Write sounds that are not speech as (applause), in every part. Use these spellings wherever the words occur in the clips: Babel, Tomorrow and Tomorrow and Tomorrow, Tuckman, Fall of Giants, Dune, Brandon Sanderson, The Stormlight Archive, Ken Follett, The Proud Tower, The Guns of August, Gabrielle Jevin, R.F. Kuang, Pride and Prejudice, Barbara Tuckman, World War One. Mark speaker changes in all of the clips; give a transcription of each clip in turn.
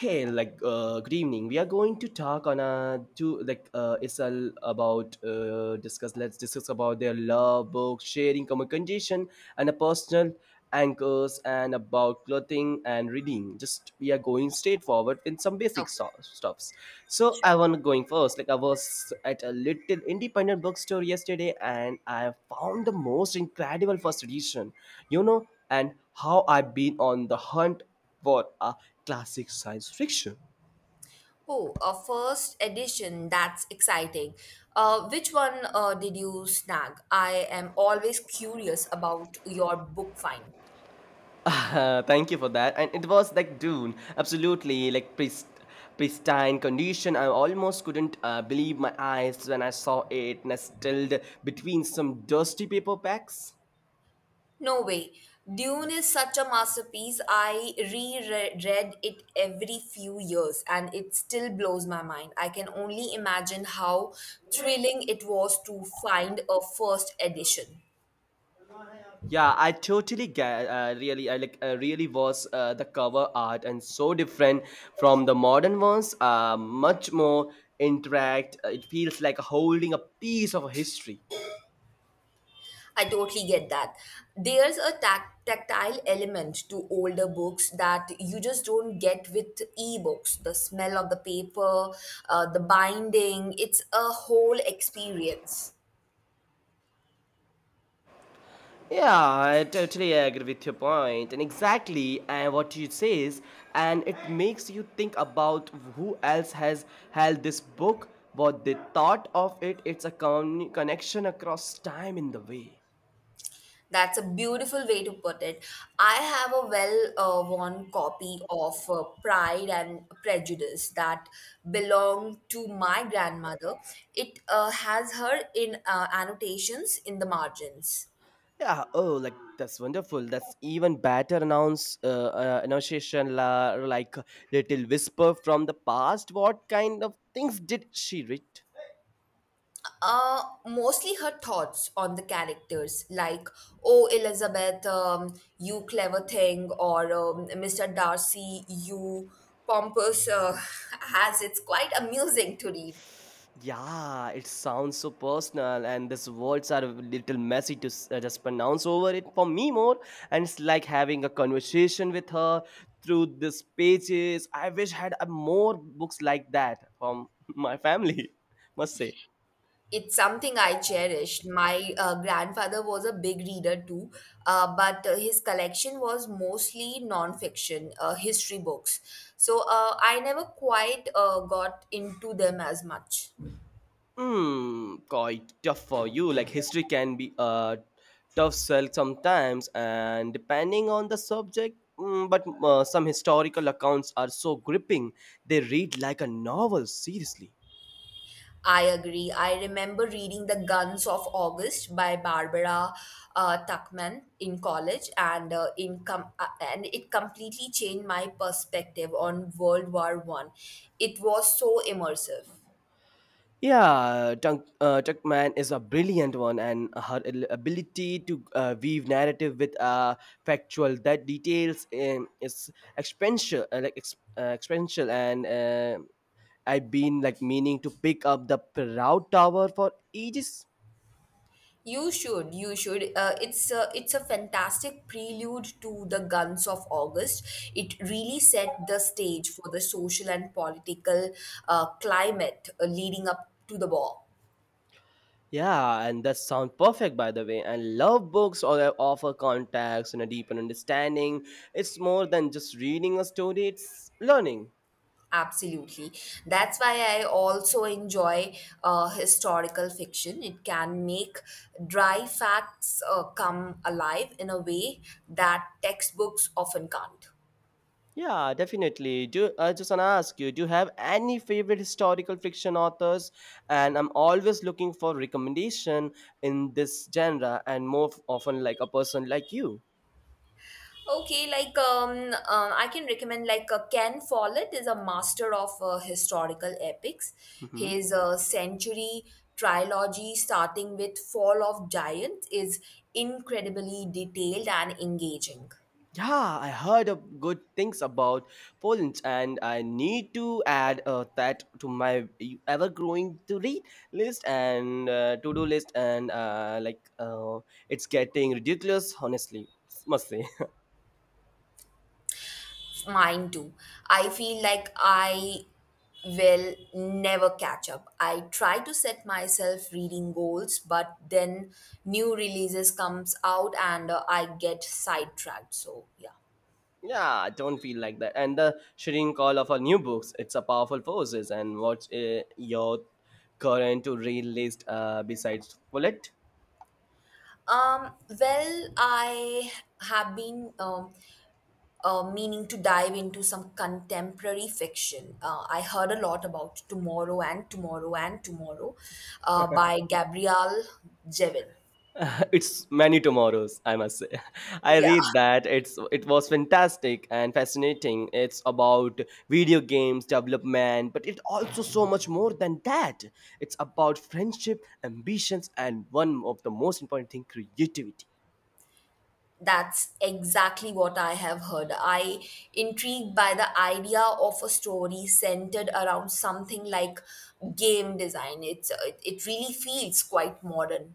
Speaker 1: Hey, good evening. We are going to talk on a to it's all about discuss. Let's discuss about their love, books, sharing, common condition, and a personal anchors, and about clothing and reading. Just we are going straightforward with some basic
Speaker 2: Okay,
Speaker 1: stuffs. So I
Speaker 2: sure.
Speaker 1: want going first. Like I was at a little independent bookstore yesterday, and I found the most incredible first edition. You know, and how I've been on the hunt what a classic science fiction. (laughs)
Speaker 2: Oh, a first edition. That's exciting. Which one did you snag? I am always curious about your book find.
Speaker 1: Thank you for that. And it was like Dune, absolutely like pristine condition. I almost couldn't believe my eyes when I saw it nestled between some dusty paper packs.
Speaker 2: No way. Dune is such a masterpiece. I reread it every few years and it still blows my mind. I can only imagine how thrilling it was to find a first edition.
Speaker 1: Yeah, I totally get. Really, I like. Really was the cover art and so different from the modern ones. Much more interact. It feels like holding a piece of history.
Speaker 2: I totally get that. There's a tactile element to older books that you just don't get with ebooks. The smell of the paper, the binding, it's a whole experience.
Speaker 1: Yeah, I totally agree with your point, and exactly and what you says, and it makes you think about who else has held this book, what they thought of it. It's a connection across time in the way.
Speaker 2: That's a beautiful way to put it. I have a well worn copy of Pride and Prejudice that belonged to my grandmother. It has her in annotations in the margins.
Speaker 1: Yeah. Oh, like that's wonderful. That's even better. Announce Annunciation la, like little whisper from the past. What kind of things did she read?
Speaker 2: Mostly her thoughts on the characters, like, oh, Elizabeth, you clever thing, or Mr. Darcy, you pompous (laughs) ass. It's quite amusing to read.
Speaker 1: Yeah, it sounds so personal, and these words are a little messy to just pronounce over it for me more. And it's like having a conversation with her through these pages. I wish I had more books like that from (laughs) my family, must say.
Speaker 2: It's something I cherished. My grandfather was a big reader too, but his collection was mostly non-fiction, history books. So I never quite got into them as much.
Speaker 1: Hmm, quite tough for you. Like history can be a tough sell sometimes, and depending on the subject. But some historical accounts are so gripping; they read like a novel. Seriously.
Speaker 2: I agree. I remember reading The Guns of August by Barbara Tuckman in college, and it completely changed my perspective on World War One. It was so immersive.
Speaker 1: Yeah, Tuckman is a brilliant one, and her ability to weave narrative with factual that details is expensive, expensive, and I've been like meaning to pick up the Proud Tower for ages.
Speaker 2: You should, you should. It's a fantastic prelude to The Guns of August. It really set the stage for the social and political climate leading up to the war.
Speaker 1: Yeah, and that sounds perfect, by the way. And love books or that offer contacts and a deeper understanding. It's more than just reading a story; it's learning.
Speaker 2: Absolutely. That's why I also enjoy historical fiction. It can make dry facts come alive in a way that textbooks often can't.
Speaker 1: Yeah, definitely. Do I just wanna ask you? Do you have any favorite historical fiction authors? And I'm always looking for recommendation in this genre, and more often like a person like you.
Speaker 2: Okay, I can recommend like Ken Follett is a master of historical epics.
Speaker 1: Hmm.
Speaker 2: His century trilogy, starting with Fall of Giants, is incredibly detailed and engaging.
Speaker 1: Yeah, I heard of good things about Poland, and I need to add that to my ever-growing to-read list and to-do list. It's getting ridiculous, honestly. Must say.
Speaker 2: Mine too. I feel like I will never catch up. I try to set myself reading goals, but then new releases comes out and I get sidetracked. So yeah.
Speaker 1: Yeah, I don't feel like that. And the shrieking call of our new books, it's a powerful forces. And what's your current to read list besides Bullet?
Speaker 2: Um, well, I have been meaning to dive into some contemporary fiction. I heard a lot about Tomorrow and Tomorrow and Tomorrow by Gabrielle Jevin.
Speaker 1: (laughs) It's many tomorrows, I must say. (laughs) I
Speaker 2: Yeah,
Speaker 1: read that. It was fantastic and fascinating. It's about video games development, but it also so much more than that. It's about friendship, ambitions, and one of the most important thing, creativity.
Speaker 2: that's exactly what I have heard. I intrigued by the idea of a story centered around something like game design. It really feels quite modern.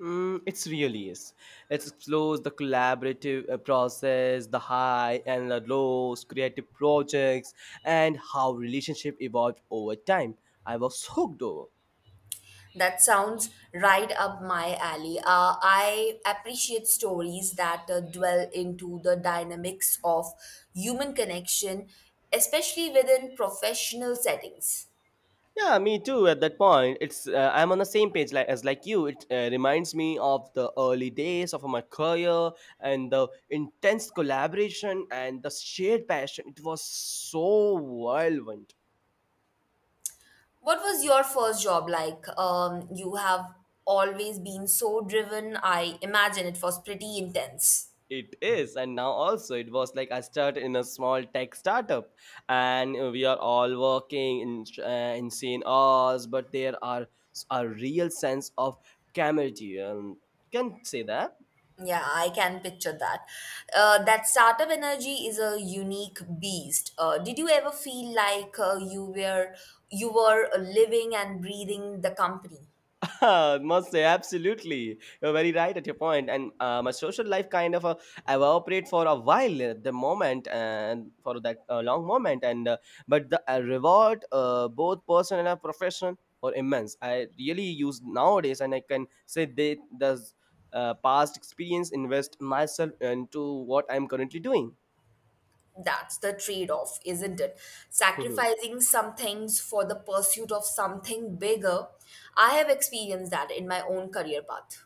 Speaker 1: Mm, it's really is. It explores the collaborative process, the high and the lows, creative projects, and how relationship evolved over time. I was hooked over.
Speaker 2: That sounds right up my alley. I appreciate stories that dwell into the dynamics of human connection, especially within professional settings.
Speaker 1: Yeah, me too. At that point, it's I'm on the same page like as like you. It reminds me of the early days of my career and the intense collaboration and the shared passion. It was so violent.
Speaker 2: What was your first job like? You have always been so driven. I imagine it was pretty intense.
Speaker 1: It is, and now also it was like I started in a small tech startup, and we are all working in insane hours, but there are a real sense of camaraderie. Can say that.
Speaker 2: Yeah, I can picture that. That startup energy is a unique beast. Did you ever feel like you were living and breathing the company?
Speaker 1: (laughs) Must say absolutely you're very right at your point and my social life kind of evaporate for a while at the moment and for that long moment and but the reward both personal and professional or immense I really use nowadays and I can say the past experience invest myself into what I'm currently doing.
Speaker 2: That's the trade-off, isn't it?
Speaker 1: (laughs)
Speaker 2: Sacrificing some things for the pursuit of something bigger. I have experienced that in my own career path.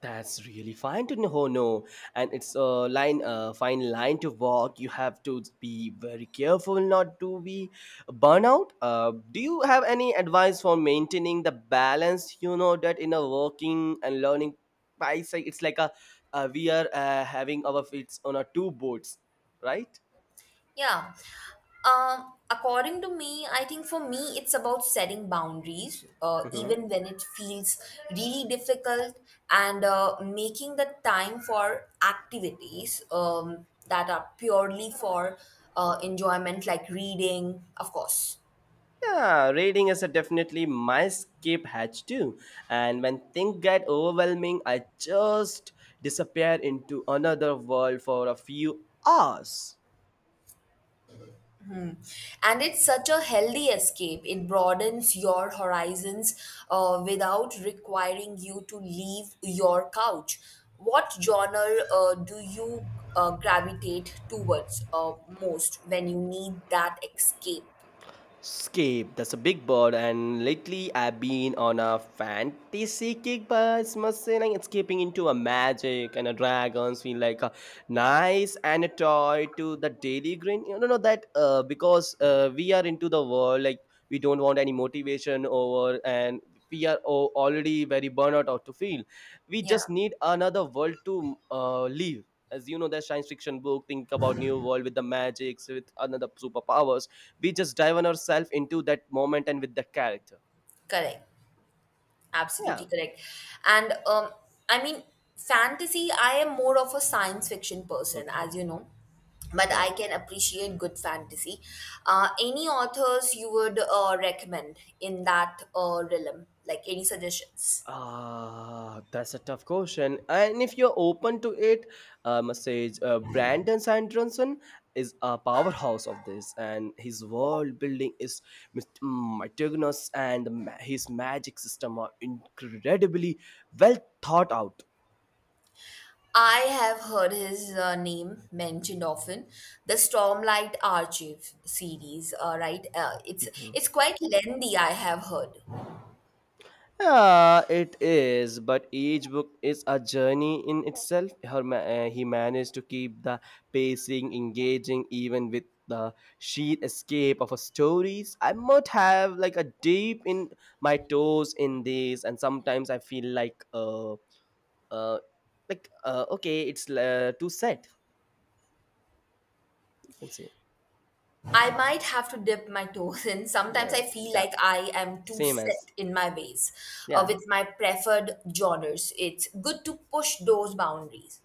Speaker 1: That's really fine to know, no, and it's a line, a fine line to walk. You have to be very careful not to be burnout. Do you have any advice for maintaining the balance? You know that in a working and learning bicycle, it's like we are having our feet on a two boats, right?
Speaker 2: Yeah. I think for me, it's about setting boundaries,
Speaker 1: Mhm.
Speaker 2: even when it feels really difficult, and making the time for activities that are purely for enjoyment, like reading, of course.
Speaker 1: Yeah, reading is a definitely my escape hatch too. And when things get overwhelming, I just disappear into another world for a few hours.
Speaker 2: And it's such a healthy escape. It broadens your horizons without requiring you to leave your couch. What genre do you gravitate towards most when you need that escape?
Speaker 1: Scape, that's a big bird, and lately I've been on a fantasy kick, but it's must say like it's escaping into a magic and a dragons feel like a nice and a toy to the daily green. You know no, no, that because we are into the world like we don't want any motivation over, and we are already very burnout out to feel. We
Speaker 2: Yeah,
Speaker 1: just need another world to live. As you know, the science fiction book think about new world with the magics with another superpowers we just dive on ourselves into that moment and with the character.
Speaker 2: correct.
Speaker 1: Yeah.
Speaker 2: Absolutely correct. And um, I mean, fantasy, I am more of a science fiction person,
Speaker 1: Okay.
Speaker 2: as you know, but
Speaker 1: Yeah.
Speaker 2: I can appreciate good fantasy. Any authors you would recommend in that realm? Like any suggestions?
Speaker 1: Ah, that's a tough question and if you're open to it I must say brandon sanderson is a powerhouse of this and his world building is mit- meticulous and his magic system are incredibly well thought out.
Speaker 2: I have heard his name mentioned often. The Stormlight Archive series, right? It's quite lengthy, I have heard.
Speaker 1: Yeah, it is, but each book is a journey in itself. He managed to keep the pacing engaging even with the sheer escape of her stories. I might have like a deep in my toes in this, and sometimes I feel like uh okay, it's too sad. You can say,
Speaker 2: I might have to dip my toes in. Sometimes
Speaker 1: yeah,
Speaker 2: I feel
Speaker 1: yeah,
Speaker 2: like I am too
Speaker 1: same as
Speaker 2: set in my ways
Speaker 1: yeah.
Speaker 2: with my preferred genres. It's good to push those boundaries.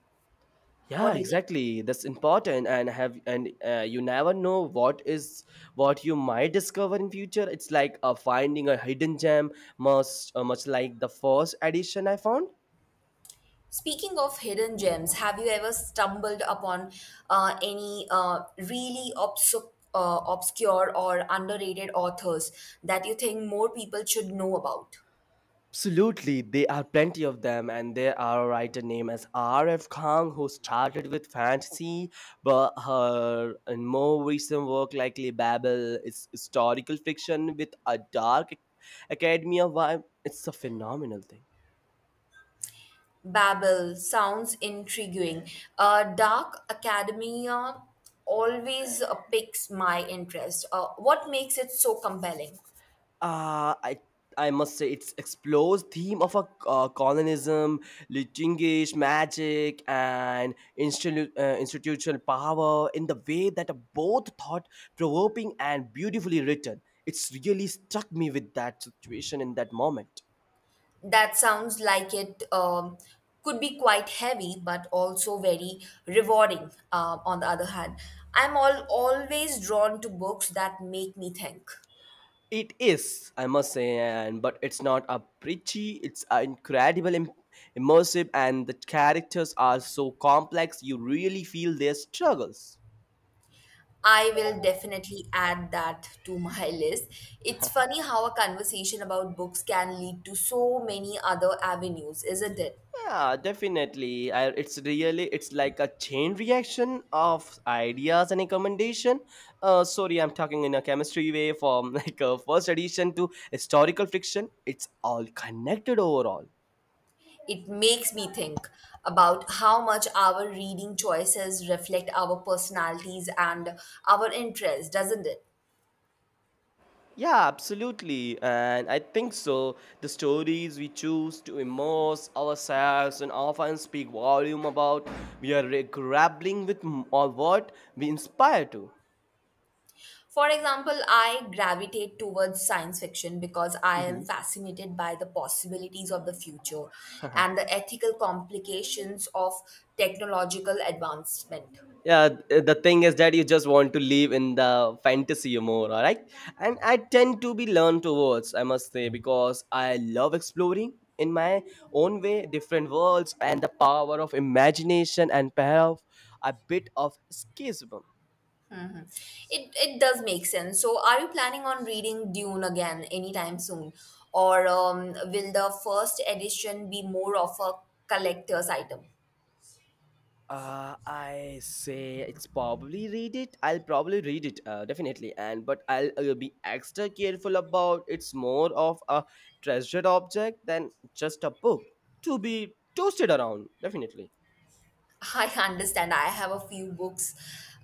Speaker 1: Yeah
Speaker 2: What do you think?
Speaker 1: exactly that's important and have and you never know what is what you might discover in future it's like finding a hidden gem must much like the first edition I found.
Speaker 2: Speaking of hidden gems, have you ever stumbled upon any really obscure or underrated authors that you think more people should know about?
Speaker 1: Absolutely there are plenty of them and there are a writer named as rf kang who started with fantasy but her and more recent work likely babel is historical fiction with a dark academia vibe it's a phenomenal thing.
Speaker 2: Babel sounds intriguing. Dark academia always piques my interest. What makes it so compelling?
Speaker 1: Uh, I I must say it explores theme of a colonialism, Chingish magic, and institutional power in the way that are both thought-provoking and beautifully written. It's really struck me with that situation in that moment.
Speaker 2: That sounds like it could be quite heavy, but also very rewarding. On the other hand, I'm all always drawn to books that make me think.
Speaker 1: It is, I must say, and but it's not a preachy. It's a incredible, immersive, and the characters are so complex. You really feel their struggles.
Speaker 2: I will definitely add that to my (laughs) list. It's funny how a conversation about books can lead to so many other avenues, isn't it?
Speaker 1: Yeah definitely I, it's really it's like a chain reaction of ideas and recommendation. Sorry I'm talking in a chemistry way from (laughs) like a first edition to historical fiction it's all connected overall.
Speaker 2: It makes me think about how much our reading choices reflect our personalities and our interests, doesn't it?
Speaker 1: Yeah absolutely and I think so the stories we choose to immerse ourselves and often speak volume about we are grappling with or what we inspire to.
Speaker 2: For example, I gravitate towards science fiction because I am
Speaker 1: Mm-hmm.
Speaker 2: fascinated by the possibilities of the future and the ethical complications of technological advancement.
Speaker 1: Yeah the thing is that you just want to live in the fantasy more all right and I tend to be learned towards I must say because I love exploring in my own way different worlds and the power of imagination and pair of a bit of escapism.
Speaker 2: It does make sense. So, are you planning on reading Dune again anytime soon? Or will the first edition be more of a collector's item?
Speaker 1: I say it's probably read it. I'll probably read it, definitely. And but I'll be extra careful about it's more of a treasured object than just a book to be toasted around, definitely.
Speaker 2: (laughs) I understand. I have a few books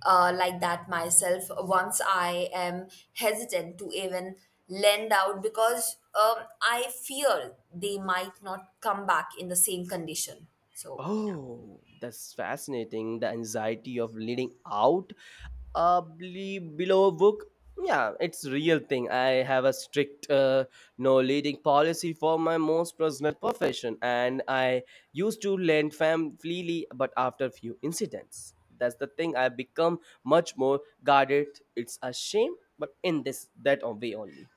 Speaker 2: like that myself. Once I am hesitant to even lend out because I fear they might not come back in the same condition. So.
Speaker 1: Oh, that's fascinating. The anxiety of leading out below book. Yeah it's real thing I have a strict no leading policy for my most personal profession and I used to lend fam freely but after few incidents that's the thing I become much more guarded it's a shame but in this that way only.